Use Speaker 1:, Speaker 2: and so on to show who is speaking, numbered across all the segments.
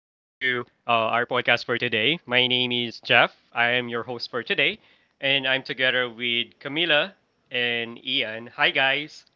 Speaker 1: uh, our podcast for today. My name is Jeff. I am your host for today, and I'm together with Camila and Ian. Hi, guys.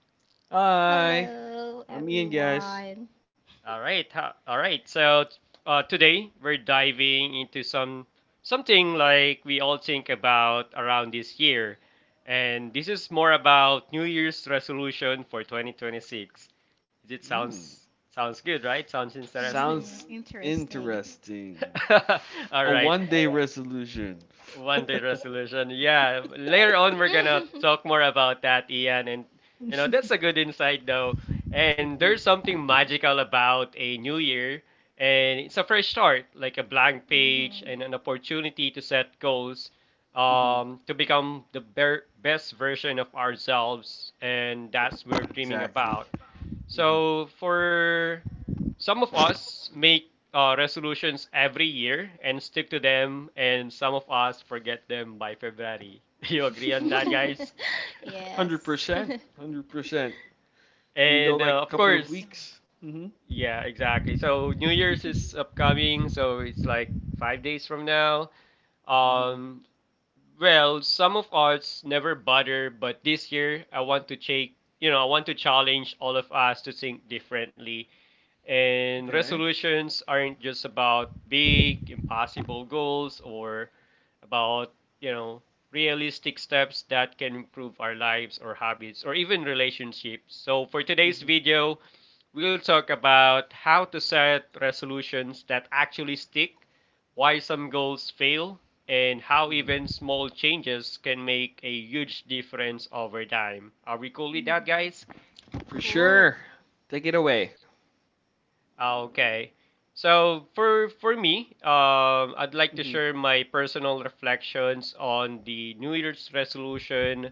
Speaker 2: Hi,
Speaker 3: Hello,
Speaker 2: I'm Ian, guys.
Speaker 3: everyone.
Speaker 1: All right. All right. So today we're diving into something like we all think about around this year, and this is more about New Year's resolution for 2026. It
Speaker 2: Hmm,
Speaker 1: sounds good, right? Sounds interesting.
Speaker 2: sounds
Speaker 3: Hmm. Interesting.
Speaker 2: interesting.
Speaker 1: All
Speaker 2: A
Speaker 1: right.
Speaker 2: one day resolution.
Speaker 1: One day resolution. Yeah. Later on, we're going to
Speaker 3: Hmm.
Speaker 1: talk more about that, Ian. And, you know, that's a good insight, though. And
Speaker 2: Hmm.
Speaker 1: there's something magical about a new year. And it's a fresh start, like a blank page and an opportunity to set goals
Speaker 2: Hmm.
Speaker 1: to become the best version of ourselves. And that's what we're dreaming
Speaker 2: Exactly.
Speaker 1: about.
Speaker 2: Hmm.
Speaker 1: So for some of us make resolutions every year and stick to them, and some of us forget them by February. Do you agree on that,
Speaker 3: Hmm.
Speaker 1: guys?
Speaker 3: Yes.
Speaker 2: 100%. 100%. Even though,
Speaker 1: And
Speaker 2: like, a
Speaker 1: of
Speaker 2: couple of
Speaker 1: course,
Speaker 2: weeks. Hmm.
Speaker 1: yeah, exactly. So New Year's is upcoming, so it's like 5 days from now.
Speaker 2: Hmm.
Speaker 1: Um, well, some of us never bother, but this year I want to take, you know, I want to challenge all of us to think differently. And
Speaker 2: Okay.
Speaker 1: resolutions aren't just about big, impossible goals or about, you know, realistic steps that can improve our lives or habits or even relationships. So, for today's
Speaker 2: Hmm.
Speaker 1: video, we'll talk about how to set resolutions that actually stick, why some goals fail, and how
Speaker 2: Hmm.
Speaker 1: even small changes can make a huge difference over time. Are we cool with that,
Speaker 3: Hmm.
Speaker 1: guys?
Speaker 2: For
Speaker 3: Cool.
Speaker 2: sure. Take it away.
Speaker 1: Ah, okay. So for me, I'd like to
Speaker 2: Hmm.
Speaker 1: share my personal reflections on the New Year's resolution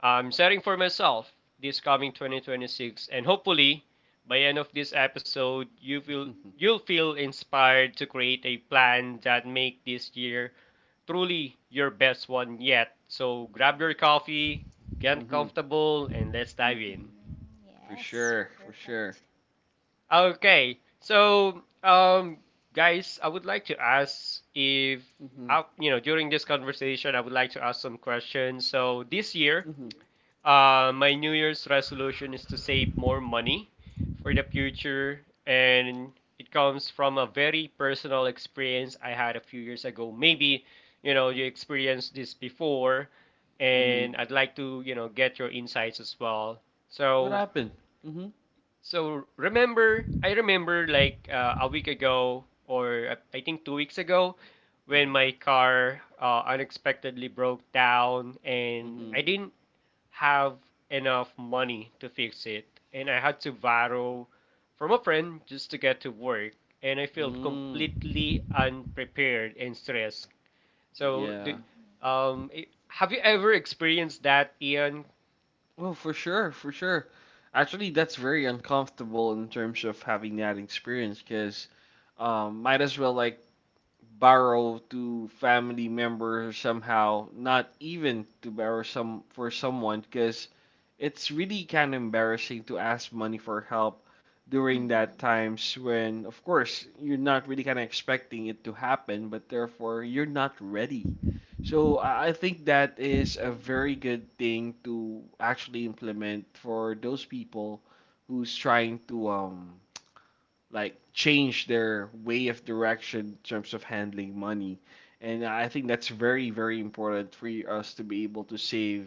Speaker 1: I'm setting for myself this coming 2026, and hopefully by end of this episode, you'll feel inspired to create a plan that make this year truly your best one yet. So grab your coffee, get
Speaker 2: Hmm.
Speaker 1: comfortable, and let's dive
Speaker 3: Hmm.
Speaker 1: in.
Speaker 2: For
Speaker 3: Yes.
Speaker 2: sure. For sure.
Speaker 3: Perfect.
Speaker 1: Okay, so guys, I would like to ask if
Speaker 2: Hmm.
Speaker 1: I, you know, during this conversation, I would like to ask some questions. So this year,
Speaker 2: Hmm.
Speaker 1: my New Year's resolution is to save more money for the future, and it comes from a very personal experience I had a few years ago. Maybe, you know, you experienced this before,
Speaker 2: Hmm.
Speaker 1: and I'd
Speaker 3: Hmm.
Speaker 1: like to, you know, get your insights as well.
Speaker 2: What
Speaker 1: So
Speaker 2: happened? Hmm.
Speaker 1: so remember, I remember like a week ago or I think 2 weeks ago when
Speaker 2: Mhm.
Speaker 1: my car unexpectedly broke down and I
Speaker 2: Mhm.
Speaker 1: didn't have enough money to fix it and I had to borrow from a friend just to get to work and I felt
Speaker 2: Mm.
Speaker 1: completely unprepared and stressed. So do,
Speaker 2: Yeah.
Speaker 1: have you ever experienced that, Ian?
Speaker 2: Well, for sure, for sure. Actually, that's very uncomfortable in terms of having that experience because might as well like borrow to family members somehow, not even to borrow some for someone, because it's really kind of embarrassing to ask money for help during
Speaker 3: Hmm.
Speaker 2: that times when, of course, you're not really kind of expecting it to happen, but therefore you're not ready. So I think that is a very good thing to actually implement for those people who's trying to like change their way of direction in terms of handling money. And I think that's very, very important for us to be able to save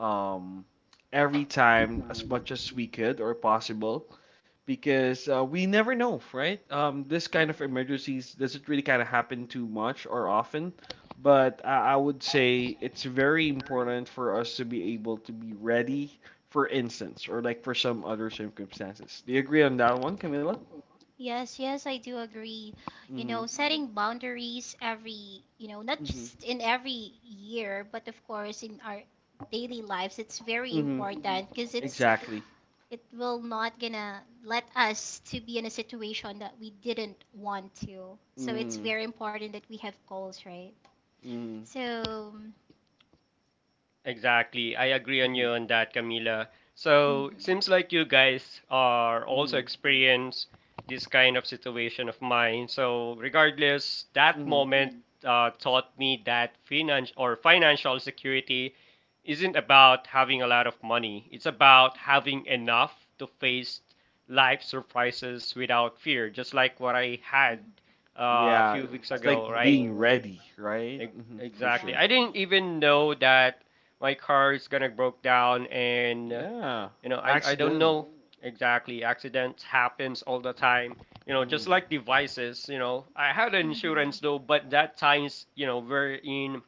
Speaker 2: um, every time as much as we could or possible because we never know, right? This kind of
Speaker 3: Right.
Speaker 2: emergencies doesn't really kind of happen too much or often. But I would say it's very important for us to be able to be ready for instance or like for some other circumstances. Do you agree on that one, Camila?
Speaker 3: Yes, yes, I do agree. You know,
Speaker 2: Mm-hmm.
Speaker 3: setting boundaries every, you know, not
Speaker 2: Mhm.
Speaker 3: just in every year, but of course in our daily lives, it's very
Speaker 2: Mhm.
Speaker 3: important because
Speaker 2: Exactly.
Speaker 3: it will not gonna let us to be in a situation that we didn't want to. So it's
Speaker 2: Mhm.
Speaker 3: very important that we have goals, right?
Speaker 2: Mhm.
Speaker 3: So,
Speaker 1: Exactly. I agree on you
Speaker 2: Mhm.
Speaker 1: on that, Camila. So,
Speaker 3: hmm,
Speaker 1: seems like you guys are also
Speaker 2: Mhm.
Speaker 1: experience this kind of situation of mine. So, regardless, that
Speaker 2: Mhm.
Speaker 1: moment taught me that finance or financial security isn't about having a lot of money. It's about
Speaker 3: right.
Speaker 1: having enough to face life surprises without fear, just like what I had
Speaker 3: Hmm.
Speaker 1: a
Speaker 2: Yeah,
Speaker 1: few weeks
Speaker 2: it's like
Speaker 1: ago,
Speaker 2: like
Speaker 1: right?
Speaker 2: being ready, right?
Speaker 1: Ex-
Speaker 2: Mhm. For
Speaker 1: Exactly.
Speaker 2: sure.
Speaker 1: I didn't
Speaker 3: Exactly.
Speaker 1: even know that my car is gonna broke down, and
Speaker 2: Yeah.
Speaker 1: you know, I don't
Speaker 2: Accidental.
Speaker 1: know exactly. Accidents happens all the time. You know, just
Speaker 2: Mhm.
Speaker 1: like devices. You know, I had an insurance
Speaker 3: Hmm.
Speaker 1: though, but that times you know we're in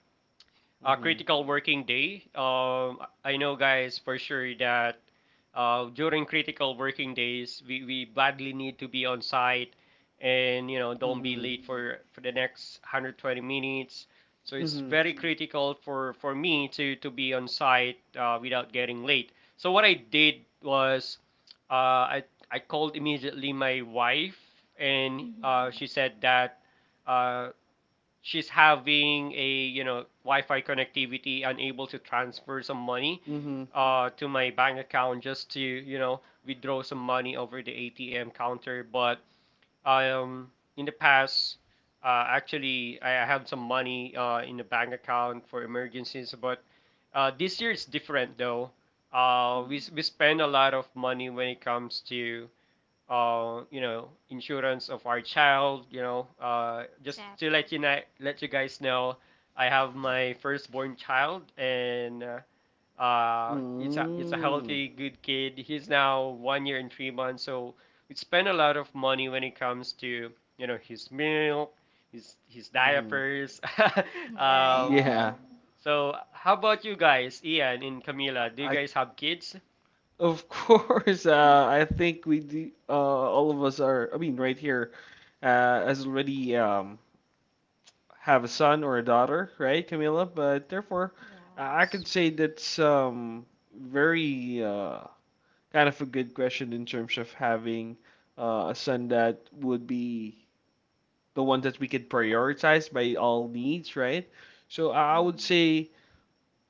Speaker 1: a
Speaker 2: Mhm.
Speaker 1: critical working day. I know, guys, for sure that during critical working days, we badly need to be on site and, you know, don't be
Speaker 2: Mhm.
Speaker 1: late for the next 120 minutes. So it's
Speaker 2: Mhm.
Speaker 1: very critical for me to be on site without getting late. So what I did was uh, I, I called immediately my wife and she
Speaker 3: Hmm.
Speaker 1: said that uh, she's having a you know Wi-Fi connectivity, unable to transfer some money
Speaker 2: Mhm.
Speaker 1: to my bank account just to you know withdraw some money over the ATM counter. But in the past, actually I have some money in the bank account for emergencies. But this year is different though. Uh, we
Speaker 3: Hmm.
Speaker 1: we spend a lot of money when it comes to you know, insurance of our child, you know, just to
Speaker 3: Exactly.
Speaker 1: let you know, let you guys know, I have my firstborn child, and it's a
Speaker 2: Mhm.
Speaker 1: healthy, good kid. He's now 1 year and 3 months, so we spend a lot of money when it comes to you know his milk, his
Speaker 2: Mhm.
Speaker 1: diapers.
Speaker 3: Right.
Speaker 1: um,
Speaker 2: Yeah.
Speaker 1: so how about you guys, Ian and
Speaker 2: um
Speaker 1: Camila? Do you
Speaker 2: I, I
Speaker 1: guys have kids?
Speaker 2: of course
Speaker 3: Yes.
Speaker 2: I think we do, all of us are, I mean, right here uh has already have a son or a daughter, right, Camila? But therefore, I could say that's very kind of a good question in terms of having a son that would be the one that we could prioritize by all needs, right? So I would
Speaker 3: Hmm.
Speaker 2: say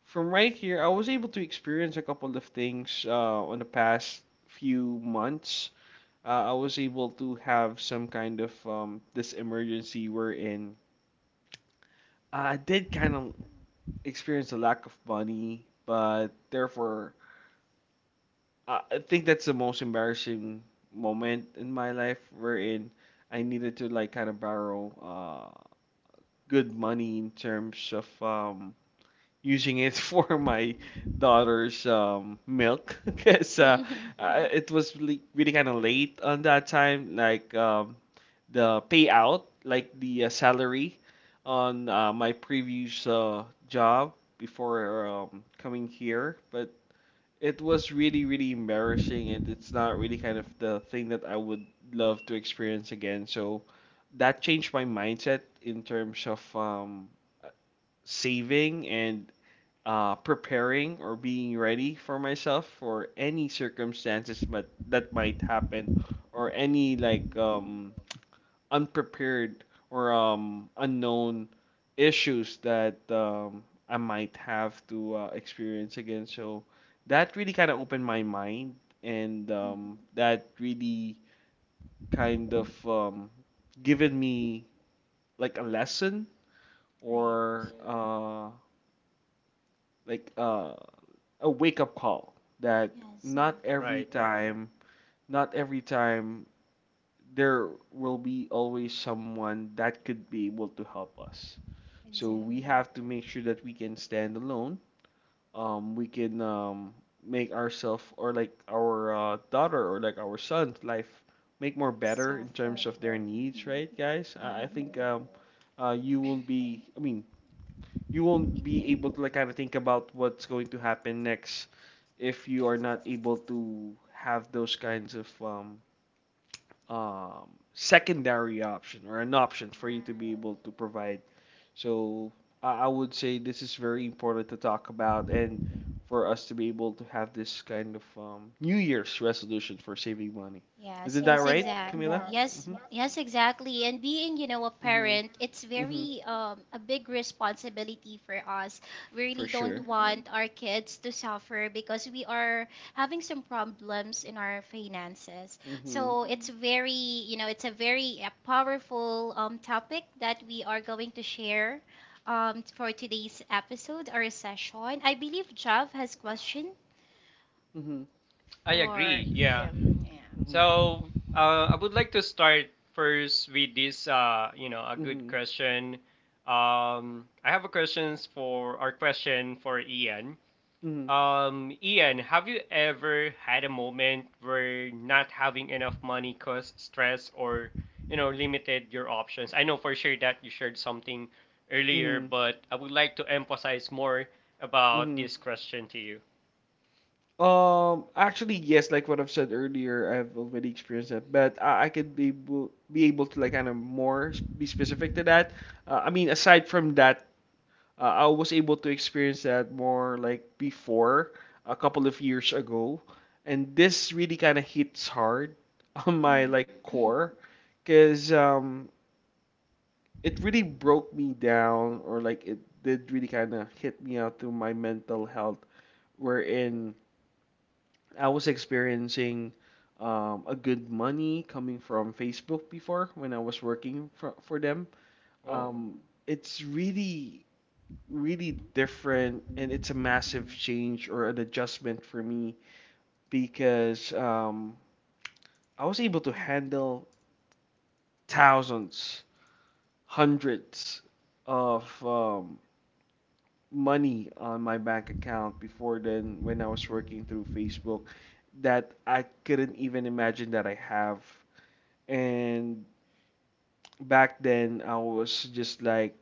Speaker 2: from right here, I was able to experience a couple of things on the past few months. I was able to have some kind of this emergency wherein I did kind of experienced a lack of money, but therefore, I think that's the most embarrassing moment in my life wherein I needed to like kind of borrow uh good money in terms of using it for my daughter's milk because
Speaker 3: Hmm.
Speaker 2: it was really, really kind of late on that time like the payout, like the salary on my previous job before coming here, but it was really, really embarrassing, and it's not really kind of the thing that I would love to experience again. So that changed my mindset in terms of saving and preparing or being ready for myself for any circumstances but that might happen or any like unprepared or unknown issues that I might have to experience again. So that really kind of opened my mind, and
Speaker 3: Hmm.
Speaker 2: that really kind of given me like a lesson
Speaker 3: Right.
Speaker 2: or like a wake up call that
Speaker 3: Yes, it
Speaker 2: not
Speaker 3: is.
Speaker 2: every
Speaker 1: Right.
Speaker 2: time, not every time there will be always someone that could be able to help us. So we
Speaker 3: Exactly.
Speaker 2: have to make sure that we can stand alone. We can make ourselves or like our daughter or like our son's life make more better in
Speaker 3: Suffer.
Speaker 2: terms of their needs,
Speaker 3: Hmm.
Speaker 2: right, guys? I think
Speaker 3: Hmm.
Speaker 2: you won't be. I mean, you won't
Speaker 3: It,
Speaker 2: be able to like kind of think about what's going to happen next if you are not able to have those kinds of secondary option or an option for you to be
Speaker 3: right.
Speaker 2: able to provide. So I would say this is very important to talk about and for us to be able to have this kind of New Year's resolution for saving money. Isn't
Speaker 3: Yes,
Speaker 2: that
Speaker 3: yes, right?
Speaker 2: right,
Speaker 3: Exactly.
Speaker 2: Camila? Yeah.
Speaker 3: Yes,
Speaker 2: Mm-hmm.
Speaker 3: yes, exactly. And being, you know, a
Speaker 2: Mm-hmm.
Speaker 3: parent, it's
Speaker 2: Mm-hmm.
Speaker 3: very a big responsibility for us. We
Speaker 2: For
Speaker 3: really don't
Speaker 2: sure.
Speaker 3: want our kids to suffer because we are having some problems in our finances.
Speaker 2: Mm-hmm.
Speaker 3: So it's a very powerful topic that we are going to share for today's episode or session. I believe Jav has question
Speaker 2: Mm-hmm.
Speaker 1: I
Speaker 3: for,
Speaker 1: agree. Yeah.
Speaker 3: yeah.
Speaker 2: Mm-hmm.
Speaker 1: So I would like to start first with this, you know, a good
Speaker 2: Mm-hmm.
Speaker 1: question. I have a question for Ian.
Speaker 2: Mm-hmm.
Speaker 1: Ian, have you ever had a moment where not having enough money caused stress or, you know, limited your options? I know for sure that you shared something earlier,
Speaker 2: Mm-hmm.
Speaker 1: but I would like to emphasize more about
Speaker 2: Mm-hmm.
Speaker 1: this question to you.
Speaker 2: Actually, yes, like what I've said earlier, I've already experienced that, but I could be able to like kind of more be specific to that. I mean, aside from that, I was able to experience that more like before, a couple of years ago, and this really kind of hits hard on my
Speaker 3: Mhm.
Speaker 2: like core, because it really broke me down, or like it did really kind of hit me out to my mental health, wherein I was experiencing a good money coming from Facebook before when I was working for them.
Speaker 1: Oh,
Speaker 2: Um,
Speaker 3: Mhm.
Speaker 2: it's really different, and it's a massive change or an adjustment for me because I was able to handle thousands, hundreds of money on my bank account before then when I was working through Facebook that I couldn't even imagine that I have. And back then, I was just like,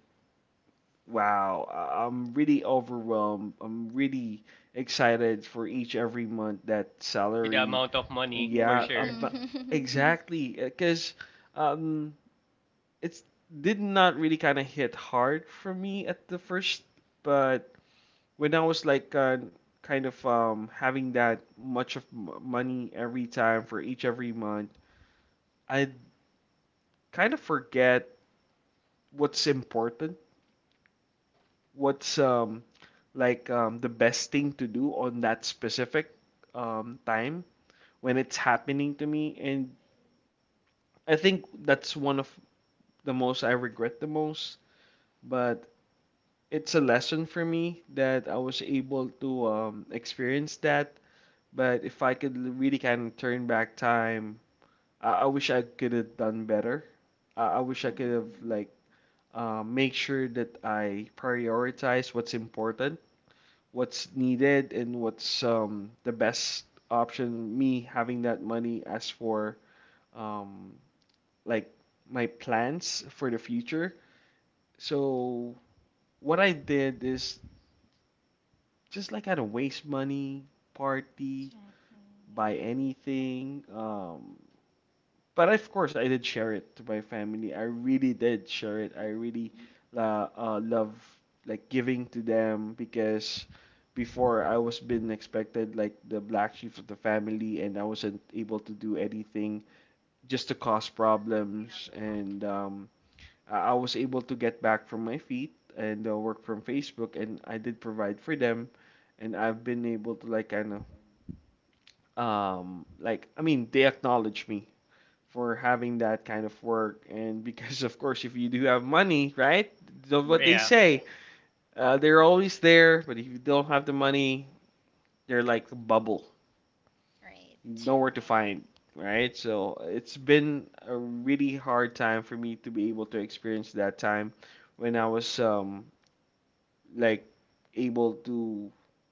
Speaker 2: wow, I'm really overwhelmed. I'm really excited for each every month that
Speaker 1: with the
Speaker 2: salary.
Speaker 1: amount of money, for
Speaker 2: Yeah, um,
Speaker 1: sure.
Speaker 2: but-
Speaker 3: Mhm.
Speaker 2: exactly, because um, it's did not really kind of hit hard for me at the first, but when I was like kind of having that much of m money every time for each every month, I kind of forget what's important, what's like the best thing to do on that specific time when it's happening to me. And I think that's one of the most I regret the most, but it's a lesson for me that I was able to experience that. But if I could really kind of turn back time, I wish I could have done better. I wish I could have
Speaker 3: Yeah.
Speaker 2: like make sure that I prioritize what's important, what's needed, and what's the best option me having that money as for um like my plans for the future. So what I did is just like I don't waste money, party, buy anything. But of course, I did share it to my family. I really did share it. I really la love like giving to them because before I was being expected like the black sheep of the family, and I wasn't able to do anything just to cause problems. And I was able to get back from my feet and work from Facebook, and I did provide for them, and I've been able to like kind of like, I mean, they acknowledge me for having that kind of work. And because, of course, if you do have money, right? What they
Speaker 1: Yeah.
Speaker 3: Mhm.
Speaker 2: say, they're always there, but if you don't have the money, they're like a bubble,
Speaker 3: Right,
Speaker 2: nowhere to
Speaker 3: right,
Speaker 2: find, right? So it's been a really hard time for me to be able to experience that time when I was like able to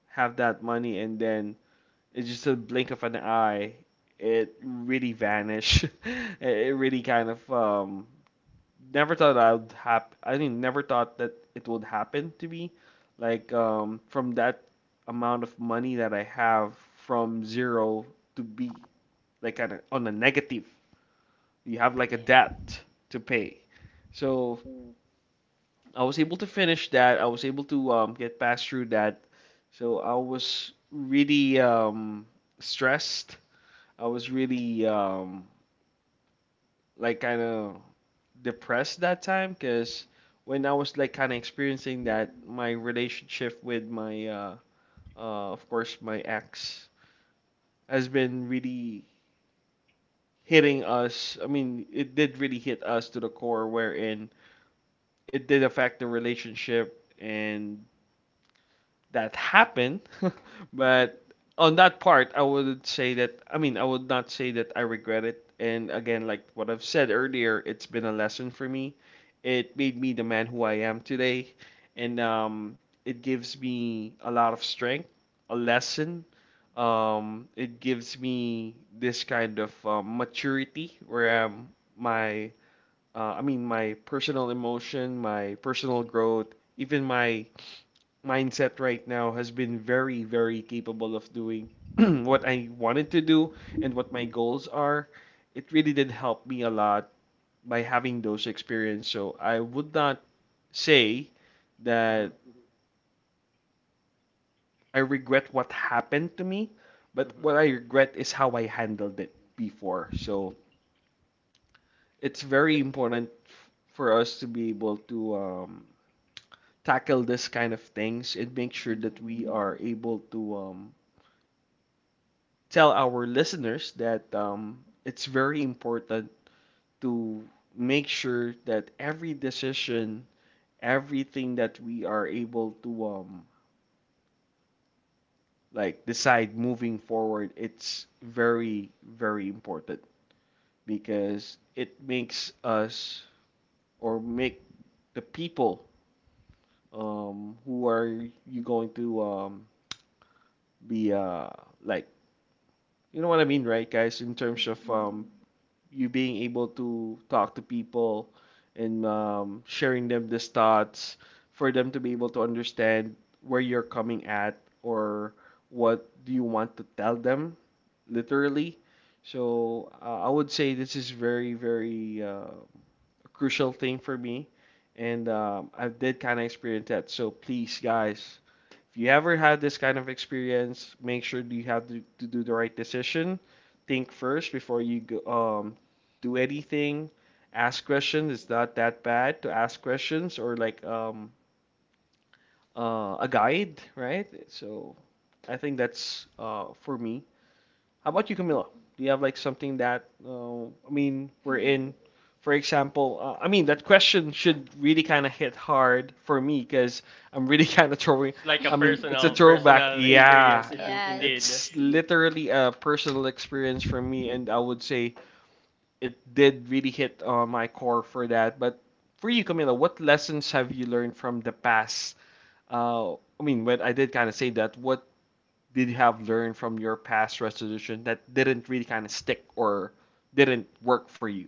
Speaker 2: have that money, and then it's just a blink of an eye, it really vanished. It really kind of never thought I'd hap I mean, never thought that it would happen to me. Like from that amount of money that I have from zero to be like on a negative. You have like a
Speaker 3: right.
Speaker 2: debt to pay.
Speaker 3: Mhm.
Speaker 2: So I was able to finish that. I was able to get past through that. So I was really stressed. I was really like kind of depressed that time because when I was like kind of experiencing that, my relationship with my of course my ex has been really hitting us. I mean, it did really hit us to the core, wherein it did affect the relationship and that happened. But on that part, I would say that, I mean, I would not say that I regret it. And again, like what I've said earlier, it's been a lesson for me. It made me the man who I am today, and it gives me a lot of strength, a lesson. It gives me this kind of maturity where my I mean, my personal emotion, my personal growth, even my mindset right now has been very, very capable of doing what I wanted to do and what my goals are. It really did help me a lot by having those experiences. So I would not say
Speaker 1: hmm
Speaker 2: that I regret what happened to me, but what I regret is how I handled it before. So it's very
Speaker 1: Th-
Speaker 2: important for us to be able to tackle this kind of things, and make sure that
Speaker 3: Mhm.
Speaker 2: we are able to tell our listeners that it's very important to make sure that every decision, everything that we are able to like decide moving forward, it's very, very important because it makes us or make the people who are you going to be like you know what I mean, right, guys? In terms of
Speaker 3: Mhm.
Speaker 2: you being able to talk to people and sharing them these thoughts for them to be able to understand where you're coming at or what do you want to tell them literally. So I would say this is very, very crucial thing for me, and I did kind of experience that. So please, guys, if you ever had this kind of experience, make sure you have to do the right decision. Think first before you go, um, do anything. Ask questions. It's not that bad to ask questions or like a guide, right? So I think that's for me. How about you, Camila?
Speaker 3: Mm.
Speaker 2: Do you have like something that I mean we're
Speaker 3: Mhm.
Speaker 2: in? For example, I mean that question should really kind of hit hard for me because I'm really kind of throwing.
Speaker 1: It's like a
Speaker 2: I mean,
Speaker 3: Mhm.
Speaker 2: it's a
Speaker 1: personal
Speaker 2: throwback.
Speaker 1: personal experience it,
Speaker 2: Yeah,
Speaker 1: indeed.
Speaker 2: it's
Speaker 3: Yes.
Speaker 2: literally a personal experience for me, and I would say it did really hit on my core for that. But for you, Camila, what lessons have you learned from the past? Uh, I mean, when I did kind of say that, what did you have learned from your past resolution that didn't really kind of stick or didn't work for you?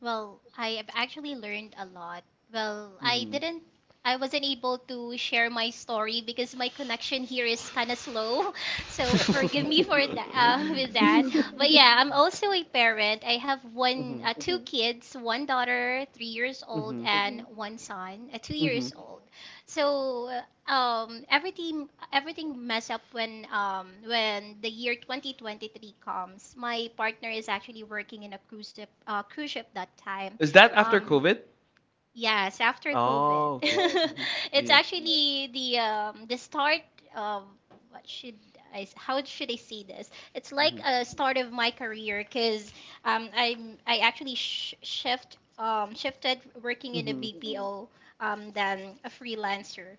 Speaker 3: Well, I have actually learned a lot. Well, I
Speaker 2: Mm-hmm.
Speaker 3: didn't, I wasn't able to share my story because my connection here is kind of slow. So forgive me for
Speaker 2: Mm-hmm.
Speaker 3: that, with that. But yeah, I'm also a parent. I have one, two, Mhm, kids, one daughter, 3 years old,
Speaker 2: Mm-hmm.
Speaker 3: and mhm, one son, two
Speaker 2: Mm-hmm.
Speaker 3: years old. So everything mess up when when the year 2023 comes. My partner is actually working in a cruise ship that time.
Speaker 2: Is that after
Speaker 3: Um,
Speaker 2: COVID?
Speaker 3: yes, after COVID,
Speaker 2: Oh, okay. Mm-hmm.
Speaker 3: it's
Speaker 2: Yeah.
Speaker 3: actually the start of what should I s- how should I say this? It's like
Speaker 2: Mm-hmm.
Speaker 3: a start of my career because um, I I actually sh shift shifted working in a
Speaker 2: Mm-hmm.
Speaker 3: BPO , than a freelancer.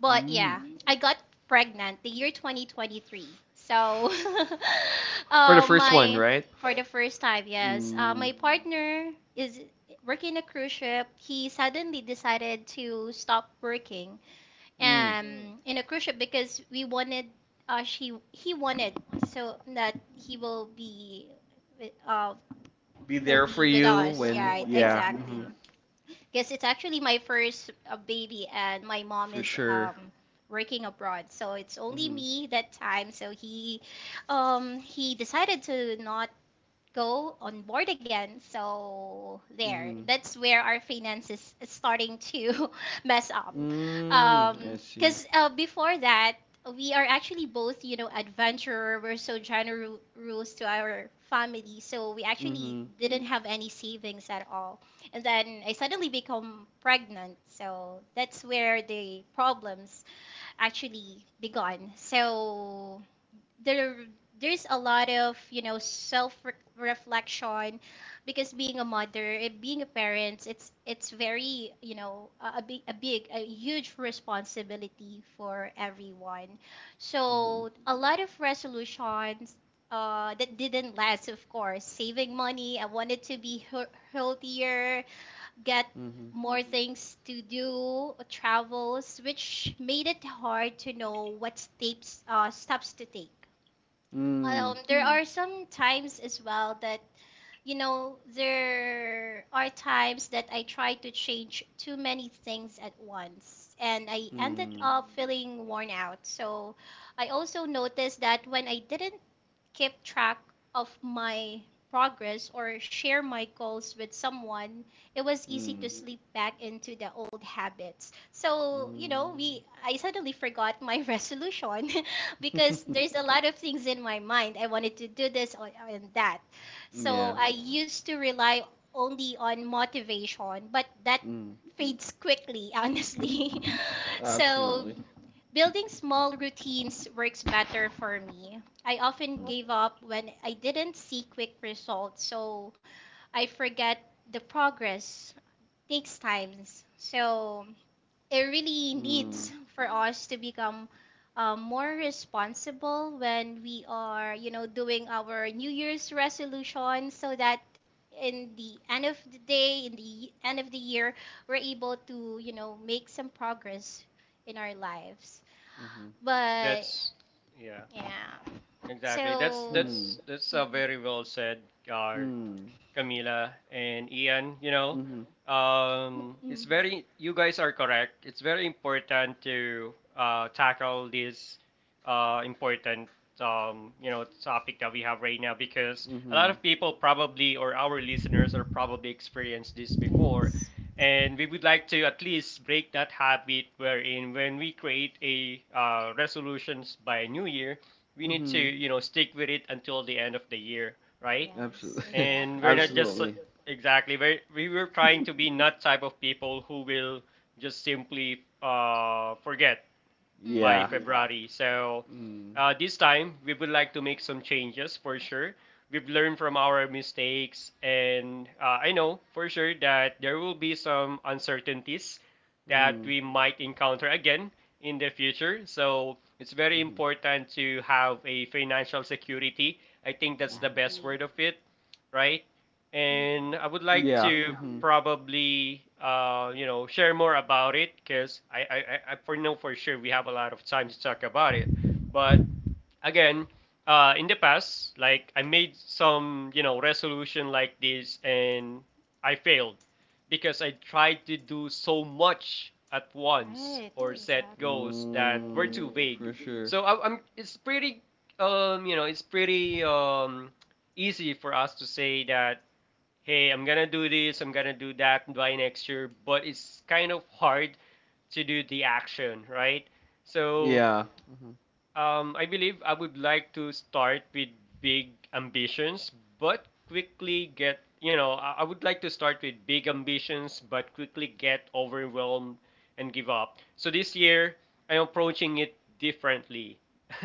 Speaker 3: But
Speaker 2: Mm.
Speaker 3: yeah, I got pregnant the year 2023. So, For the
Speaker 2: For the first one,
Speaker 3: my first one,
Speaker 2: right?
Speaker 3: for the, right? First time, yes,
Speaker 2: Mm.
Speaker 3: my partner is working a cruise ship. He suddenly decided to stop working
Speaker 2: Mm.
Speaker 3: in a cruise ship because we wanted she he wanted so that with- uh
Speaker 2: Be
Speaker 3: he'll
Speaker 2: there for
Speaker 3: be with
Speaker 2: you
Speaker 3: us. Yeah,
Speaker 2: when,
Speaker 3: right,
Speaker 2: yeah, mm-hmm,
Speaker 3: exactly, because it's actually my first baby and my mom
Speaker 2: for
Speaker 3: is
Speaker 2: sure.
Speaker 3: working abroad, so it's only
Speaker 2: Mm-hmm.
Speaker 3: me that time, so he decided to not go on board again. So there,
Speaker 2: Mm-hmm.
Speaker 3: that's where our finances is starting to mess up.
Speaker 2: Mm, I see.
Speaker 3: Because before that, we are actually both, you know, adventurer. We're so generous to our family, so we
Speaker 2: Mm-hmm.
Speaker 3: actually didn't have any savings at all. And then I suddenly become pregnant, so that's where the problems actually begun. So there there's a lot of self reflection, because being a mother and being a parent, it's very a huge responsibility for everyone.
Speaker 2: Mm-hmm.
Speaker 3: So a lot of resolutions that didn't last, of course saving money. I wanted to be healthier, get
Speaker 2: Mm-hmm.
Speaker 3: more things to do, travels, which made it hard to know what steps to take.
Speaker 2: Mm.
Speaker 3: There are some times as well that, there are times that I try to change too many things at once and I ended up feeling worn out. So I also noticed that when I didn't keep track of my progress or share my goals with someone, it was easy
Speaker 2: Mm.
Speaker 3: to slip back into the old habits.
Speaker 2: Mm.
Speaker 3: So,
Speaker 2: Mm.
Speaker 3: we I suddenly forgot my resolution. Because there's a lot of things in my mind, I wanted to do this and that.
Speaker 2: Yeah.
Speaker 3: So I used to rely only on motivation, but that
Speaker 2: Mm.
Speaker 3: fades quickly, honestly. So
Speaker 2: Absolutely.
Speaker 3: building small routines works better for me. I often
Speaker 2: Mm.
Speaker 3: gave up when I didn't see quick results, so I forget the progress takes times. So it really needs for us to become more responsible when we are, doing our New Year's resolution so that in the end of the day, in the end of the year, we're able to make some progress in our lives.
Speaker 2: Mm. Mm-hmm.
Speaker 3: But
Speaker 1: That's yeah,
Speaker 3: yeah.
Speaker 1: exactly. That's
Speaker 3: So
Speaker 1: that's that's a
Speaker 3: Mhm.
Speaker 1: very well said, uh,
Speaker 2: Mm.
Speaker 1: Camila and Ian, you know,
Speaker 2: Mm. Mm-hmm.
Speaker 1: it's
Speaker 3: Mhm.
Speaker 1: very, you guys are correct. It's very important to tackle this important, you know, topic that we have right now because a lot
Speaker 2: Mm-hmm.
Speaker 1: of people probably, or our listeners, are probably experienced this before.
Speaker 3: Yes.
Speaker 1: And we would like to at least break that habit wherein when we create a resolutions by New Year, we need to,
Speaker 2: Mm-hmm.
Speaker 1: you know, stick with it until the end of the year, right?
Speaker 3: Yes,
Speaker 2: Absolutely.
Speaker 1: And we're not
Speaker 3: exactly.
Speaker 1: just
Speaker 2: Absolutely.
Speaker 1: exactly we were trying to be not type of people who will just simply forget by
Speaker 2: Yeah.
Speaker 3: Mhm.
Speaker 1: February. So
Speaker 2: Mm.
Speaker 1: this time we would like to make some changes for sure. We've learned from our mistakes, and I know for sure that there will be some uncertainties that
Speaker 2: Mm-hmm.
Speaker 1: we might encounter again in the future. So it's very
Speaker 2: Mm-hmm.
Speaker 1: important to have a financial security. I think that's the
Speaker 2: Mm-hmm.
Speaker 1: best
Speaker 3: Exactly.
Speaker 1: word of it, right?
Speaker 3: Mhm.
Speaker 1: And I would like
Speaker 2: Yeah.
Speaker 1: to
Speaker 2: Mm-hmm.
Speaker 1: probably you know share more about it because I for know for sure we have a lot of time to talk about it. But again, in the past like I made some you know resolution like this and I failed because I tried to do so much at once
Speaker 3: Right,
Speaker 1: or set
Speaker 3: exactly.
Speaker 1: goals that were
Speaker 2: Mm.
Speaker 1: too
Speaker 2: For
Speaker 1: vague.
Speaker 2: sure.
Speaker 1: So I, I'm It's pretty it's pretty easy for us to say that hey I'm gonna do this I'm gonna do that by next year but it's kind of hard to do the action right. So
Speaker 2: Yeah. Mm-hmm.
Speaker 1: I believe I would like to start with big ambitions, but quickly get, you know, I would like to start with big ambitions, but quickly get overwhelmed and give up. So this year, I'm approaching it differently,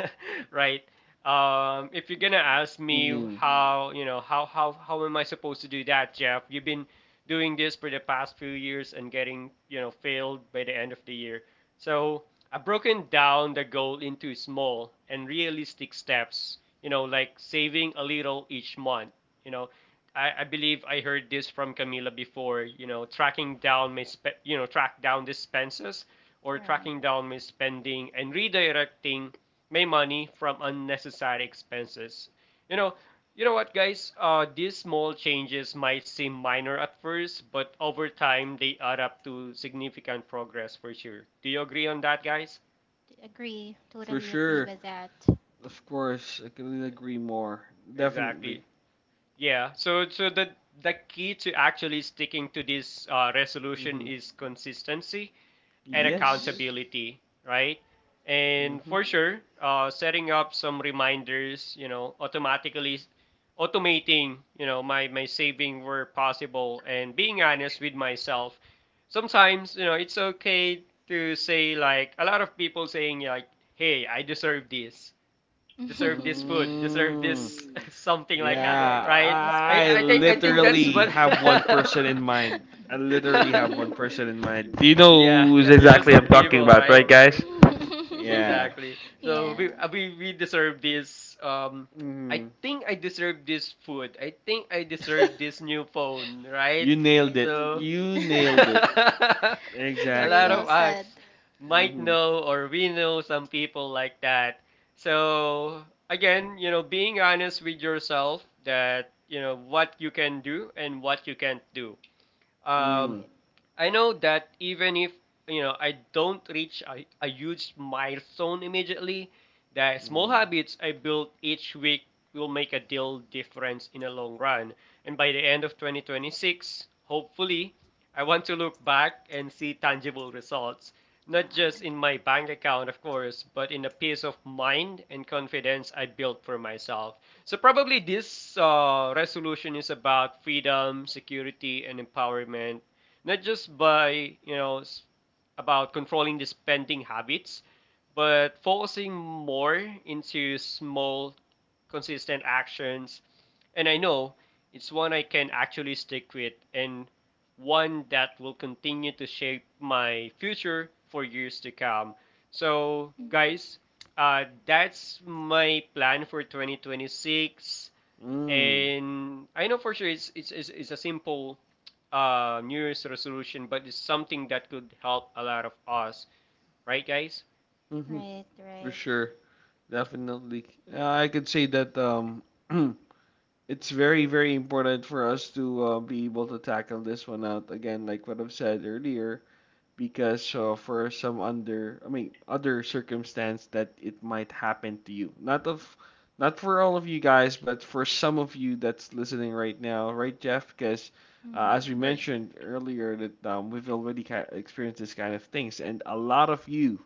Speaker 1: right? If you're gonna
Speaker 3: Mhm.
Speaker 1: ask me
Speaker 2: Yeah.
Speaker 1: how, you know, how am I supposed to do that, Jeff? You've been doing this for the past few years and getting, you know, failed by the end of the year. So I've broken down the goal into small and realistic steps, you know, like saving a little each month. You know, I believe I heard this from Camila before, you know, tracking down my, you know, track down expenses or
Speaker 3: Right.
Speaker 1: tracking down my spending and redirecting my money from unnecessary expenses. You know, you know what, guys? These small changes might seem minor at first, but over time they add up to significant progress for sure. Do you agree on that, guys?
Speaker 3: Agree.
Speaker 2: For
Speaker 3: Totally agree
Speaker 2: sure.
Speaker 3: with that.
Speaker 2: Of course, I couldn't agree more. Definitely.
Speaker 1: Exactly. Yeah. So, the key to actually sticking to this resolution
Speaker 2: Mm-hmm.
Speaker 1: is consistency and
Speaker 3: Mhm.
Speaker 2: Yes.
Speaker 1: accountability, right? And
Speaker 2: Mm-hmm.
Speaker 1: for sure, setting up some reminders, you know, automatically automating, you know, my saving where possible and being honest with myself. Sometimes, you know, it's okay to say like a lot of people saying like, hey, I deserve this food, deserve
Speaker 2: Mm.
Speaker 1: this something like
Speaker 3: Yeah.
Speaker 1: that,
Speaker 2: Yeah,
Speaker 1: right?
Speaker 3: This
Speaker 1: I,
Speaker 2: I
Speaker 3: bag.
Speaker 1: I think I think that's
Speaker 2: literally
Speaker 1: what
Speaker 2: have one person in mind. I literally have one person in mind. Do you
Speaker 1: yeah,
Speaker 2: know who's
Speaker 1: you know
Speaker 2: exactly I'm
Speaker 1: some
Speaker 2: talking
Speaker 1: people,
Speaker 2: about, right,
Speaker 1: right?
Speaker 2: guys? Yeah.
Speaker 1: Exactly. So
Speaker 3: Yeah.
Speaker 2: Mm-hmm.
Speaker 1: we deserve this. I
Speaker 2: Mm-hmm.
Speaker 1: think I deserve this food. I think I deserve this new phone, right?
Speaker 2: You nailed
Speaker 3: Right.
Speaker 2: it.
Speaker 1: So
Speaker 2: You nailed it.
Speaker 1: a
Speaker 3: Very
Speaker 1: lot
Speaker 2: Exactly.
Speaker 3: well
Speaker 1: of us
Speaker 3: said.
Speaker 1: might
Speaker 2: Mm-hmm.
Speaker 1: know or we know some people like that. So again, you know, being honest with yourself that you know what you can do and what you can't do. Um,
Speaker 2: Mm.
Speaker 3: Right.
Speaker 1: I know that even if you know I don't reach a huge milestone immediately, the small
Speaker 2: Mm.
Speaker 1: habits I build each week will make a deal difference in the long run. And by the end of 2026, hopefully, I want to look back and see tangible results, not just
Speaker 3: Wow.
Speaker 1: in my bank account, of course, but in the peace of mind and confidence I built for myself. So probably this resolution is about freedom, security, and empowerment, not just about controlling the spending habits, but focusing more into small, consistent actions. And I know it's one I can actually stick with, and one that will continue to shape my future for years to come. So,
Speaker 3: Mm.
Speaker 1: guys, that's my plan for 2026,
Speaker 2: Mm.
Speaker 1: and I know for sure it's a simple New Year's resolution, but it's something that could help a lot of us, right, guys?
Speaker 2: Mm-hmm.
Speaker 3: Right,
Speaker 2: For
Speaker 3: right.
Speaker 2: sure. Definitely. I could say that it's very, very important for us to be able to tackle this one out again, like what I've said earlier, because for some under, I mean, other circumstance that it might happen to you. Not of, not for all of you guys, but for some of you that's listening right now, right, Jeff? Because
Speaker 3: Hmm.
Speaker 2: as we
Speaker 1: Right.
Speaker 2: mentioned earlier, that we've already ki experienced this kind of things, and a lot of you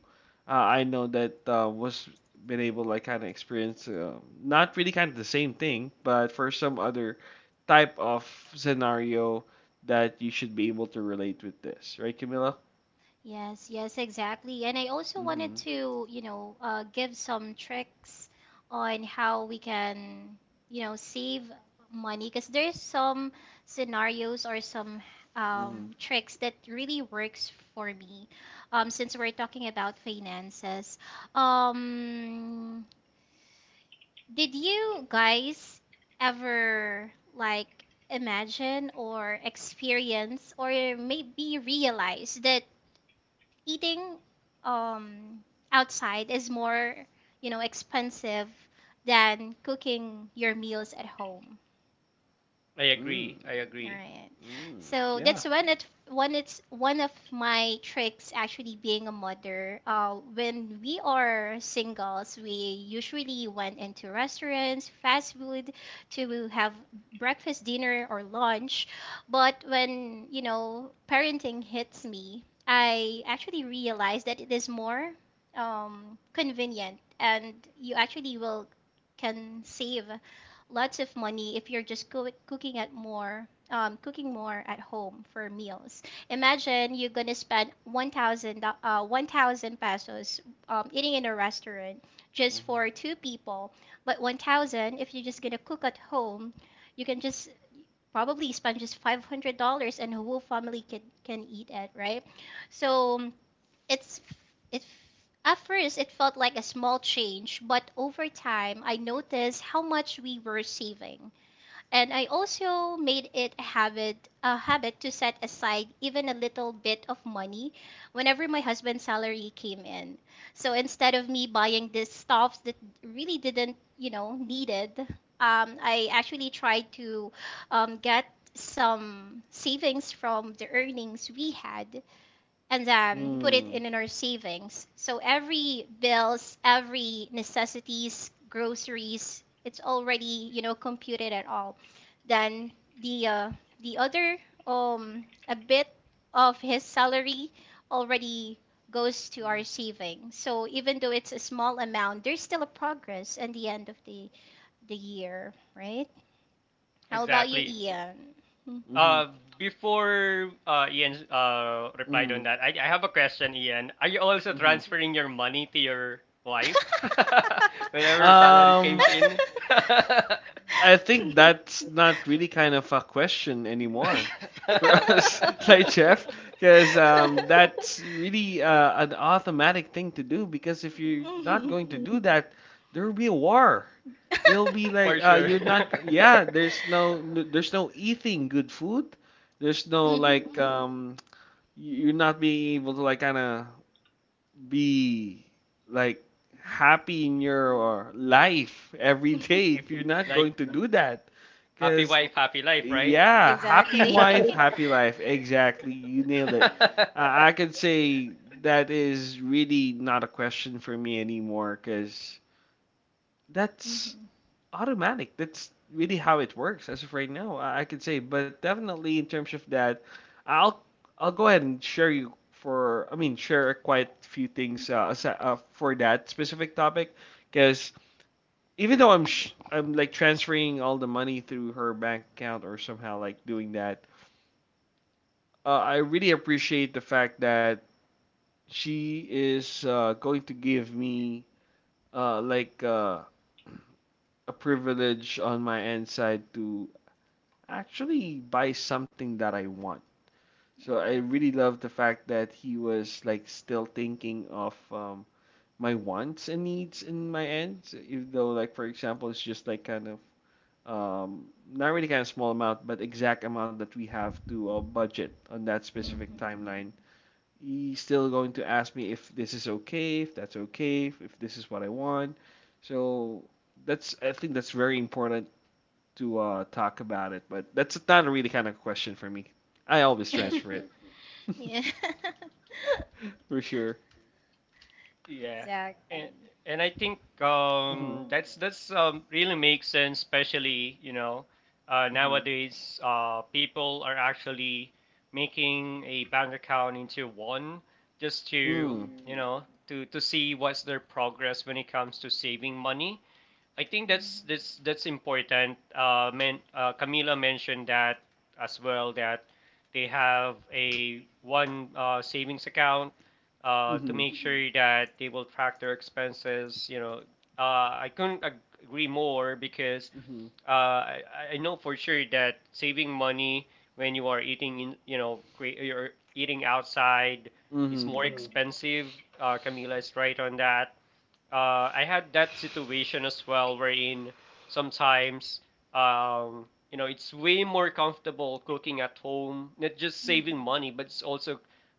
Speaker 2: I know that was been able like kind of experience not really kind of the same thing, but for some other type of scenario that you should be able to relate with this, right, Camilla?
Speaker 3: Yes, yes, exactly. And I also wanted
Speaker 2: Mm-hmm.
Speaker 3: to, give some tricks on how we can save money, because there's some scenarios or some
Speaker 2: Mm-hmm.
Speaker 3: tricks that really works for me. Since we're talking about finances, um, did you guys ever like imagine or experience or maybe realize that eating um outside is more, expensive than cooking your meals at home?
Speaker 1: I
Speaker 2: Mm.
Speaker 1: agree. I
Speaker 3: All
Speaker 1: agree.
Speaker 3: right.
Speaker 2: Mm.
Speaker 3: So
Speaker 2: Yeah.
Speaker 3: that's one it one it's one of my tricks, actually. Being a mother, when we are singles, we usually went into restaurants, fast food, to have breakfast, dinner or lunch. But when, parenting hits me, I actually realize that it is more convenient and you actually will can save lots of money if you're just cooking more at home for meals. Imagine you're gonna spend 1,000 pesos, eating in a restaurant just
Speaker 2: Mm-hmm.
Speaker 3: for two people, but 1,000 if you're just gonna cook at home, you can just probably spend just $500 and the whole family can eat it, right? So it's it at first it felt like a small change, but over time I noticed how much we were saving, and I also made it a habit to set aside even a little bit of money whenever my husband's salary came in. So instead of me buying these stuffs that really didn't needed, I actually tried to get some savings from the earnings we had and put it
Speaker 2: Mm.
Speaker 3: in our savings. So every bills, every necessities, groceries, it's already computed at all. Then the uh, the other a bit of his salary already goes to our saving. So even though it's a small amount, there's still a progress at the end of the year, right? How about you,
Speaker 1: Exactly.
Speaker 3: Ian? Hmm.
Speaker 2: Mm-hmm.
Speaker 1: Uh, before Ian replied on
Speaker 2: Mm-hmm.
Speaker 1: that, I have a question, Ian. Are you also
Speaker 2: Mm-hmm.
Speaker 1: transferring your money to your wife whenever salary
Speaker 2: Um,
Speaker 1: comes in?
Speaker 2: I think that's not really kind of a question anymore for us, like Jeff, because that's really an automatic thing to do. Because if you're not
Speaker 3: Mhm.
Speaker 2: going to do that, there will be a war. There'll be like
Speaker 1: For sure.
Speaker 2: you're not. Yeah, there's no eating good food. There's no like
Speaker 3: Mhm.
Speaker 2: you're not being able to like kind of be like happy in your life every day if you're not
Speaker 1: Like,
Speaker 2: going to do that.
Speaker 1: happy
Speaker 2: Because,
Speaker 1: wife, happy life, right?
Speaker 2: yeah, happy wife,
Speaker 3: Exactly.
Speaker 2: happy life. Exactly. You nailed it. I could say that is really not a question for me anymore because that's
Speaker 3: Mhm.
Speaker 2: automatic. That's really how it works as of right now, I could say, but definitely in terms of that, I'll I'll go ahead and share you for I mean share quite a few things asi- for that specific topic because even though I'm like transferring all the money through her bank account or somehow like doing that, I really appreciate the fact that she is going to give me uh like uh a privilege on my end side to actually buy something that I want. So I
Speaker 3: Right.
Speaker 2: really love the fact that he was like still thinking of my wants and needs in my ends, even though like for example it's just like kind of um, not really kind of small amount, but exact amount that we have to budget on that specific
Speaker 3: Mhm.
Speaker 2: timeline. He's still going to ask me if this is okay, if that's okay, if this is what I want. So that's I think that's very important to talk about it, but that's not really kind of question for me. I always transfer it
Speaker 3: Yeah.
Speaker 2: for sure.
Speaker 1: Yeah,
Speaker 3: Exactly.
Speaker 1: and and I think
Speaker 2: Mhm.
Speaker 1: that's really makes sense, especially you know,
Speaker 2: Mhm.
Speaker 1: nowadays people are actually making a bank account into one just to,
Speaker 2: Mm.
Speaker 1: you know, to see what's their progress when it comes to saving money. I think that's
Speaker 3: Mhm.
Speaker 1: that's that's important. Men, Camila mentioned that as well that they have a one savings account, to
Speaker 2: Mhm.
Speaker 1: make sure that they will track their expenses. You know, uh, I couldn't agree more because
Speaker 2: Mhm.
Speaker 1: uh, I, I know for sure that saving money when you are eating in, you know, you're eating outside, it's
Speaker 2: Mhm.
Speaker 1: more
Speaker 3: Mhm.
Speaker 1: expensive. Camila is right on that. I had that situation as well, wherein sometimes, um, you know, it's way more comfortable cooking at home, not just
Speaker 3: Mhm.
Speaker 1: saving money, but it's also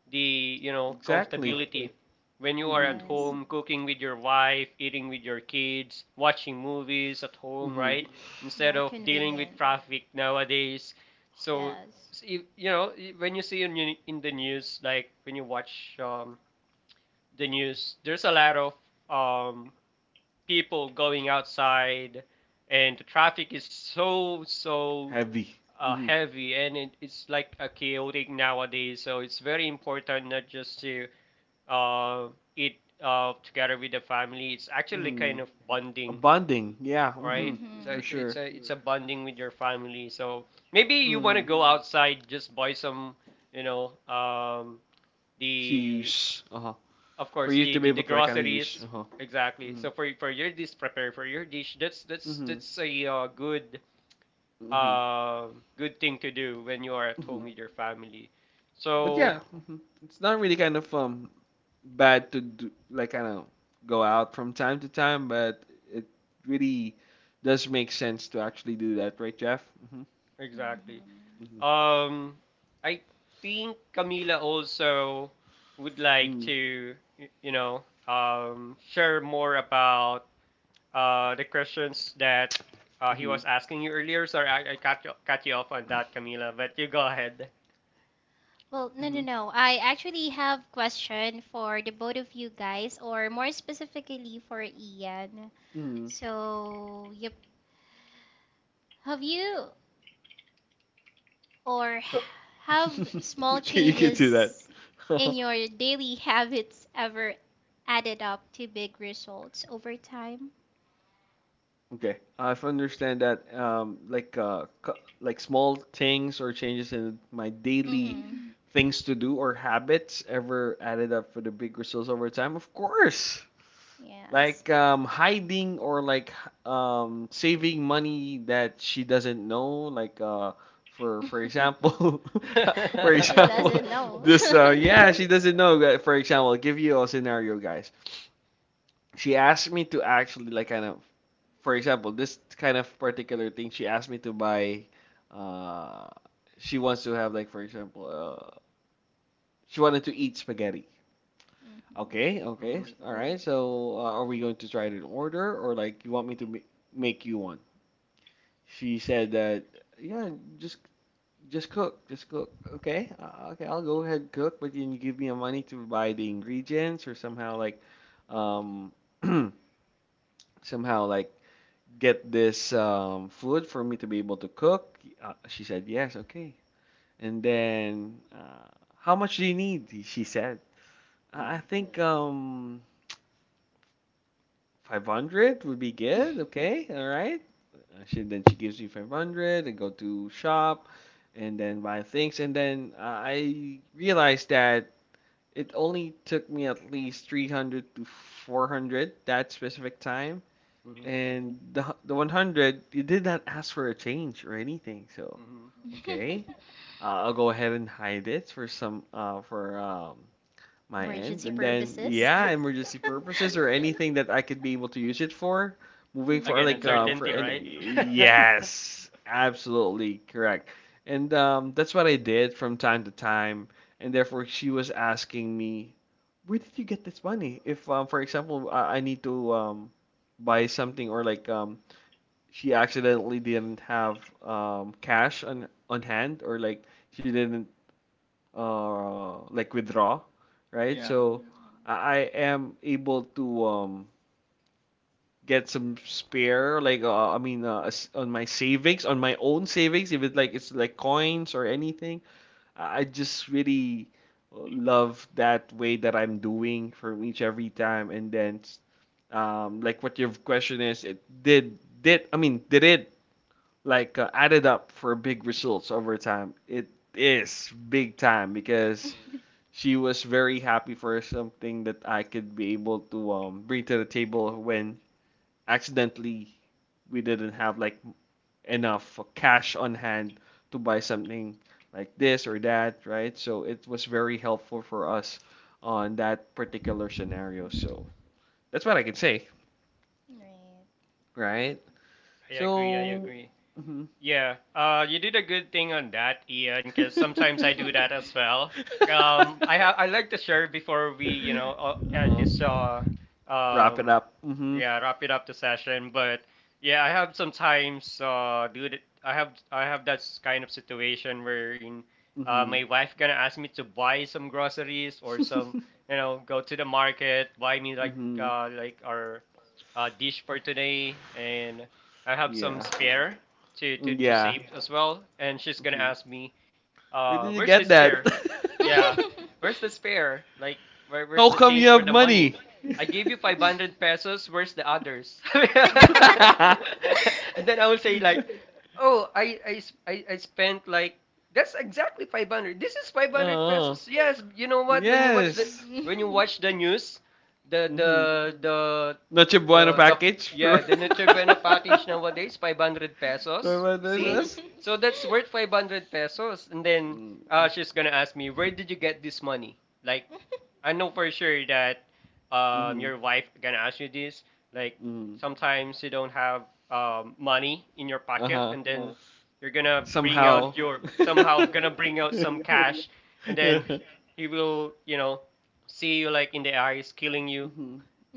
Speaker 1: the, you know,
Speaker 2: Exactly.
Speaker 1: comfortability. When you are at
Speaker 2: Mhm.
Speaker 3: Yes.
Speaker 1: home cooking with your wife, eating with your kids, watching movies at home,
Speaker 2: Mhm.
Speaker 1: right? Instead
Speaker 3: More
Speaker 1: of dealing with
Speaker 3: convenient.
Speaker 1: traffic nowadays. So,
Speaker 3: Yes.
Speaker 1: you know, when you see in the news, like when you watch the news, there's a lot of um, people going outside, and the traffic is so
Speaker 2: Heavy. Mhm.
Speaker 1: heavy, and it's like a chaotic nowadays. So it's very important not just to uh, eat together with the family. It's actually kind
Speaker 2: Mhm.
Speaker 1: of
Speaker 2: A
Speaker 1: bonding,
Speaker 2: bonding. Yeah.
Speaker 1: right?
Speaker 2: Mhm.
Speaker 1: So
Speaker 2: For
Speaker 3: Mhm.
Speaker 1: it's it's
Speaker 2: sure.
Speaker 1: a it's a bonding with your family. So maybe you want to
Speaker 2: Mhm.
Speaker 1: go outside, just buy some, you know,
Speaker 2: To
Speaker 1: the,
Speaker 2: use. Uh huh.
Speaker 1: of
Speaker 2: For
Speaker 1: course,
Speaker 2: you to be
Speaker 1: the
Speaker 2: able to like kind of use.
Speaker 1: groceries.
Speaker 2: Uh huh.
Speaker 1: Exactly,
Speaker 2: Mhm.
Speaker 1: so for your dish, prepare for your dish. that's that's
Speaker 2: Mhm.
Speaker 1: that's a good
Speaker 2: Mhm.
Speaker 1: uh good thing to do when you are at home
Speaker 2: Mhm.
Speaker 1: with your family.
Speaker 2: But
Speaker 3: Right.
Speaker 1: So
Speaker 2: yeah, mhm, it's not really kind of bad to do like kind of go out from time to time, but it really does make sense to actually do that, right, Jeff? Mm-hmm.
Speaker 1: exactly,
Speaker 3: Hmm.
Speaker 1: um I think Camila also would like
Speaker 2: Mm-hmm.
Speaker 1: to you know, share more about the questions that he
Speaker 2: Mm-hmm.
Speaker 1: was asking you earlier. Sorry, I cut you off on that, Camila, but you go ahead.
Speaker 3: Well, no, no, no. I actually have question for the both of you guys, or more specifically for Ian.
Speaker 2: Mm-hmm. Mm-hmm.
Speaker 3: So, yep. Have you or have small
Speaker 2: You can do that.
Speaker 3: changes in your daily habits ever added up to big results over time?
Speaker 2: Okay, I've understand that like like small things or changes in my daily
Speaker 3: Mm-hmm.
Speaker 2: things to do or habits ever added up for the big results over time. Of course.
Speaker 3: Yes.
Speaker 2: Like hiding or like saving money that she doesn't know like for example. For
Speaker 3: She
Speaker 1: Mm-hmm.
Speaker 3: doesn't
Speaker 2: example,
Speaker 3: know.
Speaker 2: this yeah she doesn't know that- for example I'll give you a scenario, guys. She asked me to actually like kind of for example this kind of particular thing she asked me to buy, uh she wants to have like for example she wanted to eat spaghetti. Okay, okay. s- All right. So, are we going to try it in order or like you want me to ma make you one? She said that, yeah, just just cook, just cook. Okay. Okay, I'll go ahead and cook, but can you give me a money to buy the ingredients or somehow like um somehow like get this food for me to be able to cook? She said, "Yes, okay." And then how much do you need? She said. I think 500 would be good. Okay, all right. She then she gives you 500 and go to shop, and then buy things. And then I realized that it only took me at least 300 to 400 that specific time.
Speaker 1: Mm-hmm.
Speaker 2: And the one hundred, you did not ask for a change or anything. So
Speaker 1: Mm-hmm.
Speaker 2: okay,
Speaker 3: Mhm.
Speaker 2: I'll go ahead and hide it for some for my end,
Speaker 3: Emergency
Speaker 2: and then
Speaker 3: purposes.
Speaker 2: yeah, emergency purposes or anything that I could be able to use it for moving for
Speaker 1: Again,
Speaker 3: Mhm.
Speaker 2: like for
Speaker 1: uncertainty, right?
Speaker 2: any. Yes, absolutely correct. And that's what I did from time to time, and therefore she was asking me, where did you get this money if for example I need to buy something or like she accidentally didn't have cash on hand or like she didn't like withdraw, right?
Speaker 3: Mhm.
Speaker 1: Yeah,
Speaker 2: So
Speaker 3: I
Speaker 2: I am able to get some spare, like I mean, on my savings, on my own savings, if it's like it's like coins or anything. I just really love that way that I'm doing from each every time, and then like what your question is, it did I mean did it like added up for big results over time? It is big time because she was very happy for something that I could be able to bring to the table when accidentally we didn't have like enough cash on hand to buy something like this or that, right? So it was very helpful for us on that particular scenario. So that's what I can say, right?
Speaker 1: I agree. I
Speaker 2: So,
Speaker 1: agree.
Speaker 2: Mhm.
Speaker 1: Yeah, you did a good thing on that, Ian, because sometimes I do that as well. I like to share before we, you know, end
Speaker 2: uh-huh.
Speaker 1: this
Speaker 2: Wrap it
Speaker 1: um,
Speaker 2: up. Mm-hmm.
Speaker 1: yeah, wrap it up the session. But yeah, I have sometimes do that. I have that kind of situation where
Speaker 2: Mm-hmm.
Speaker 1: my wife gonna ask me to buy some groceries or some, you know, go to the market, buy me like
Speaker 2: Mm-hmm.
Speaker 1: our dish for today. And I have some
Speaker 2: Yeah.
Speaker 1: spare to, to
Speaker 2: Yeah.
Speaker 1: save as well, and she's gonna
Speaker 2: Hmm.
Speaker 1: ask me
Speaker 2: Where did you
Speaker 1: where's the
Speaker 2: get that?
Speaker 1: spare. Yeah, where's the spare, like, where's
Speaker 2: How
Speaker 1: the
Speaker 2: come you
Speaker 1: change for
Speaker 2: have
Speaker 1: the money?
Speaker 2: money?
Speaker 1: I gave you 500 pesos, where's the others? And
Speaker 3: know.
Speaker 1: then I will say like, oh, I spent like, that's exactly 500. This is 500
Speaker 2: Oh,
Speaker 1: pesos. Yes, you know what? When you watch the,
Speaker 2: yes.
Speaker 1: when you watch the news, the, the,
Speaker 2: Mm-hmm.
Speaker 1: the,
Speaker 2: Noche Buena package for.
Speaker 1: yeah, the Nutrivena package nowadays, 500
Speaker 2: For
Speaker 1: pesos.
Speaker 2: what is
Speaker 1: See?
Speaker 2: this?
Speaker 1: So that's worth 500 pesos. And then
Speaker 2: Mm-hmm.
Speaker 1: she's gonna ask me, where did you get this money? Like, I know for sure that your wife gonna ask you this. Like
Speaker 2: Mm-hmm.
Speaker 1: sometimes you don't have money in your pocket,
Speaker 2: Uh-huh.
Speaker 1: and then, mhm, you're gonna bring
Speaker 2: Somehow.
Speaker 1: out your, somehow gonna bring out some cash, and then
Speaker 2: Mm-hmm.
Speaker 1: he will, you know, see you like in the eyes, killing you.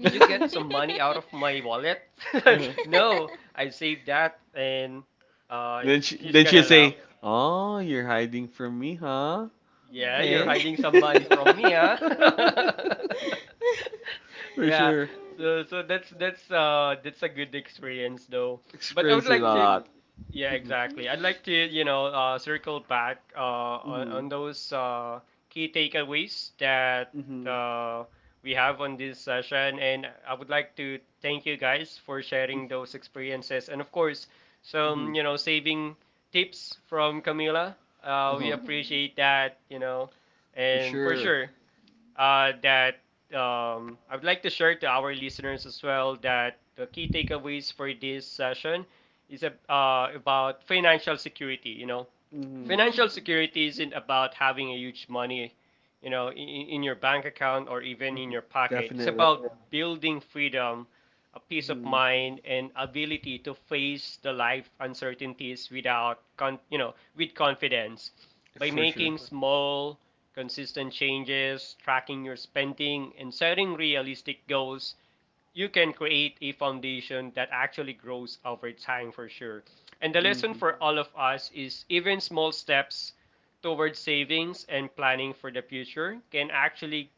Speaker 1: Did you get some money out of my wallet?
Speaker 2: Uh-huh.
Speaker 1: No, I saved that, and
Speaker 2: Then she
Speaker 1: he's
Speaker 2: then she'll
Speaker 1: gonna laugh.
Speaker 2: say, "Oh, you're hiding from me, huh?
Speaker 1: Yeah, you're
Speaker 3: Right.
Speaker 2: Okay."
Speaker 1: hiding some money from me, huh?
Speaker 2: For
Speaker 1: Yeah.
Speaker 2: sure,
Speaker 1: So so that's that's a good experience though. But I would
Speaker 2: experience it a
Speaker 1: like to,
Speaker 2: lot.
Speaker 1: yeah,
Speaker 2: Mm-hmm.
Speaker 1: exactly. I'd
Speaker 3: Mhm.
Speaker 1: like to, you know, circle back
Speaker 2: Mm-hmm.
Speaker 1: on those key takeaways that
Speaker 2: Mm-hmm.
Speaker 1: uh we have on this session, and I would like to thank you guys for sharing
Speaker 2: Mm-hmm.
Speaker 1: those experiences and, of course,
Speaker 2: Mm-hmm.
Speaker 1: some, you know, saving tips from Camila.
Speaker 3: Mhm.
Speaker 1: We
Speaker 2: Uh-huh.
Speaker 3: Right. Mhm. Mhm.
Speaker 1: appreciate that, you know,
Speaker 2: For
Speaker 1: and for
Speaker 3: Oh.
Speaker 2: sure.
Speaker 1: sure that, I would like to share to our listeners as well that the key takeaways for this session is about financial security. You know,
Speaker 2: Mm-hmm.
Speaker 1: financial
Speaker 3: Mhm.
Speaker 1: security isn't about having a huge money, you know, in your bank account or even in
Speaker 2: Mm-hmm.
Speaker 1: your pocket. It's
Speaker 2: Definitely.
Speaker 1: about building freedom, a peace of
Speaker 2: Mm-hmm.
Speaker 1: mind, and ability to face the life uncertainties without, you know, with confidence. By
Speaker 2: For sure.
Speaker 1: making small, consistent changes, tracking your spending, and setting realistic goals, you can create a foundation that actually grows over time for sure. And the lesson
Speaker 2: Mm-hmm.
Speaker 1: for all of us is even small steps towards savings and planning for the future can actually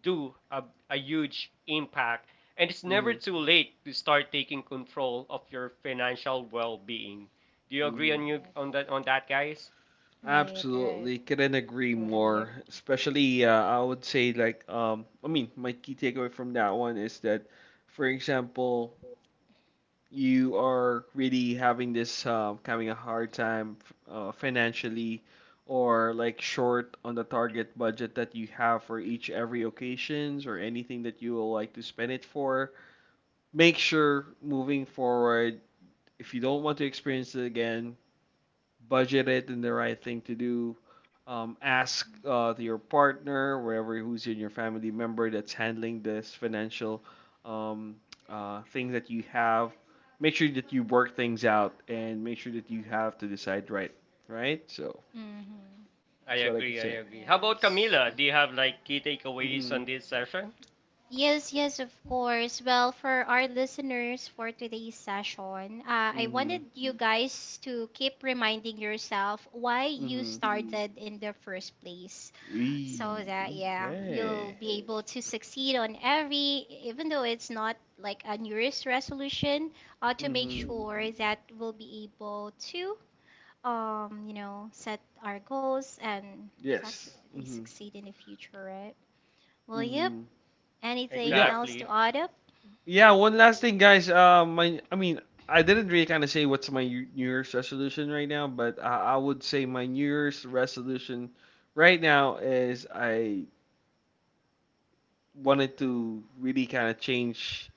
Speaker 1: do a huge impact. And it's never
Speaker 2: Mm-hmm.
Speaker 1: too late to start taking control of your financial well-being. Do you agree
Speaker 2: Mm-hmm.
Speaker 1: on you
Speaker 3: Right.
Speaker 1: on that, on that, guys?
Speaker 3: Right, right.
Speaker 2: Absolutely. Couldn't agree
Speaker 3: Totally
Speaker 2: more.
Speaker 3: agree.
Speaker 2: Especially, I would say, like, I mean, my key takeaway from that one is that, for example, you are really having this having a hard time financially or like short on the target budget that you have for each every occasions or anything that you will like to spend it for, make sure moving forward if you don't want to experience it again, budget it and the right thing to do. Ask to your partner, wherever who's in your family member that's handling this financial um, thing that you have. Make sure that you work things out and make sure that you have to decide right. Right? So
Speaker 3: Mm-hmm.
Speaker 1: I
Speaker 2: that's what I could
Speaker 1: agree, I
Speaker 2: say.
Speaker 1: agree. How about
Speaker 3: Yes.
Speaker 1: Camila? Do you have like key takeaways on
Speaker 2: Mm-hmm.
Speaker 1: this session?
Speaker 3: Yes, yes, of course. Well, for our listeners for today's session, I
Speaker 2: Mm-hmm.
Speaker 3: wanted you guys to keep reminding yourself why you
Speaker 2: Mm-hmm.
Speaker 3: started in the first place, so
Speaker 2: Eee,
Speaker 3: that, yeah, you'll
Speaker 2: okay.
Speaker 3: be able to succeed on every, even though it's not like a New Year's resolution, to make
Speaker 2: Mm-hmm.
Speaker 3: sure that we'll be able to set our goals and
Speaker 2: Yes.
Speaker 3: actually
Speaker 2: Mm-hmm.
Speaker 3: succeed in the future, right? Will you?
Speaker 2: Mm-hmm. But
Speaker 3: Anything
Speaker 2: yeah,
Speaker 3: else
Speaker 1: Exactly.
Speaker 3: to add up?
Speaker 2: yeah, one last thing, guys. My, I mean, I didn't really kind of say what's my New Year's resolution right now, but I would say my New Year's resolution right now is I wanted to really kind of change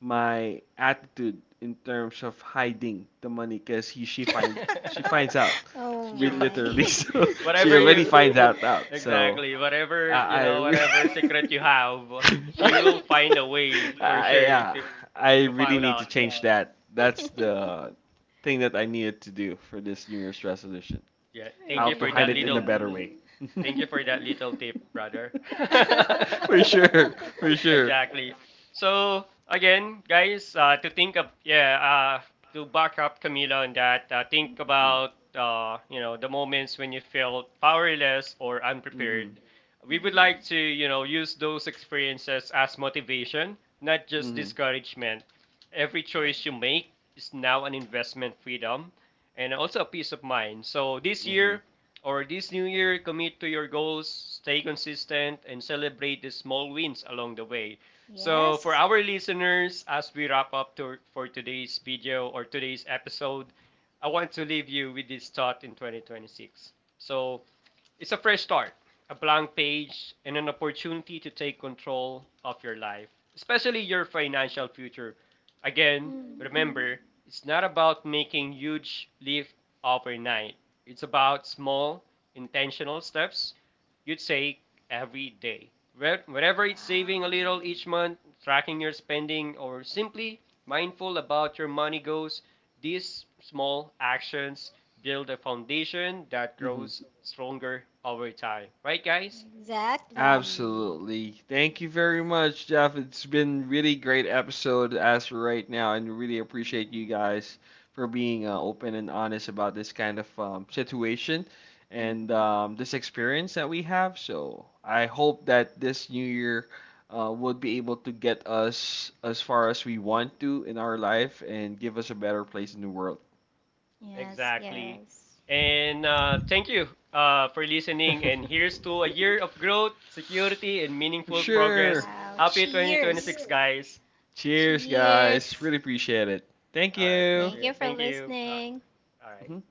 Speaker 2: my attitude in terms of hiding the money because he she find she finds out,
Speaker 3: Oh
Speaker 1: She
Speaker 2: really
Speaker 1: was,
Speaker 3: my.
Speaker 2: literally. So
Speaker 1: whatever
Speaker 2: she
Speaker 1: you,
Speaker 2: already finds out out. So
Speaker 1: exactly, whatever, you
Speaker 2: I, I,
Speaker 1: know,
Speaker 2: re-
Speaker 1: whatever secret you have, she will find a way for
Speaker 2: I,
Speaker 1: sure
Speaker 2: uh,
Speaker 1: to
Speaker 2: I
Speaker 1: to
Speaker 2: really
Speaker 1: find
Speaker 2: need to
Speaker 1: out.
Speaker 2: change that. That's the thing that I needed to do for this New Year's resolution.
Speaker 1: Yeah, thank
Speaker 2: How
Speaker 1: you
Speaker 2: to
Speaker 1: for
Speaker 2: hide
Speaker 1: that
Speaker 2: it in
Speaker 3: Right.
Speaker 2: a
Speaker 1: little,
Speaker 2: better way.
Speaker 1: thank you for that little tip, brother.
Speaker 2: For sure, for sure.
Speaker 1: Exactly. So again, guys, to think of, yeah, to back up Camila on that, think
Speaker 2: Mm-hmm,
Speaker 1: about you know, the moments when you felt powerless or
Speaker 2: mm-hmm,
Speaker 1: unprepared. We would like
Speaker 3: Mhm.
Speaker 1: to, you know, use those experiences as motivation, not just
Speaker 2: mm-hmm,
Speaker 1: discouragement. Every
Speaker 3: Right.
Speaker 1: choice you make is now an investment freedom and also a peace of mind. So this
Speaker 2: mm-hmm,
Speaker 1: year, or this new year, commit to your goals, stay consistent, and celebrate the small wins along the way. So, for
Speaker 3: Yes.
Speaker 1: our listeners, as we wrap up to, for today's video or today's episode, I want to leave you with this thought in 2026. So, it's a fresh start, a blank page, and an opportunity to take control of your life, especially your financial future. Again,
Speaker 3: Mm.
Speaker 1: remember, it's not about making huge leaps overnight. It's about small, intentional steps you'd say every day. Whether it's saving a
Speaker 3: Wow.
Speaker 1: little each month, tracking your spending, or simply mindful about your money goals, these small actions build a foundation that
Speaker 2: mm-hmm.
Speaker 1: grows stronger over time. Right, guys?
Speaker 3: Exactly.
Speaker 2: Absolutely. Thank you very much, Jeff. It's been really great episode as for right now, and really appreciate you
Speaker 3: Yeah.
Speaker 2: guys for being open and honest about this kind of situation and
Speaker 3: Mhm.
Speaker 2: this experience that we have. So I hope that this new year would be able to get us as far as we want to in our life and give us a better place in the world.
Speaker 3: Yes,
Speaker 1: Exactly.
Speaker 3: yes.
Speaker 1: And thank you for listening. And here's to a year of growth, security, and
Speaker 2: For
Speaker 1: meaningful
Speaker 2: sure.
Speaker 1: progress.
Speaker 3: Wow.
Speaker 1: Happy
Speaker 3: Cheers.
Speaker 1: 2026, guys.
Speaker 2: Cheers, guys.
Speaker 3: Cheers.
Speaker 2: Really appreciate it. Thank
Speaker 1: All right,
Speaker 2: you.
Speaker 1: appreciate
Speaker 3: Thank you
Speaker 1: it.
Speaker 3: for
Speaker 1: Thank you.
Speaker 3: listening.
Speaker 1: All right.
Speaker 2: Mhm.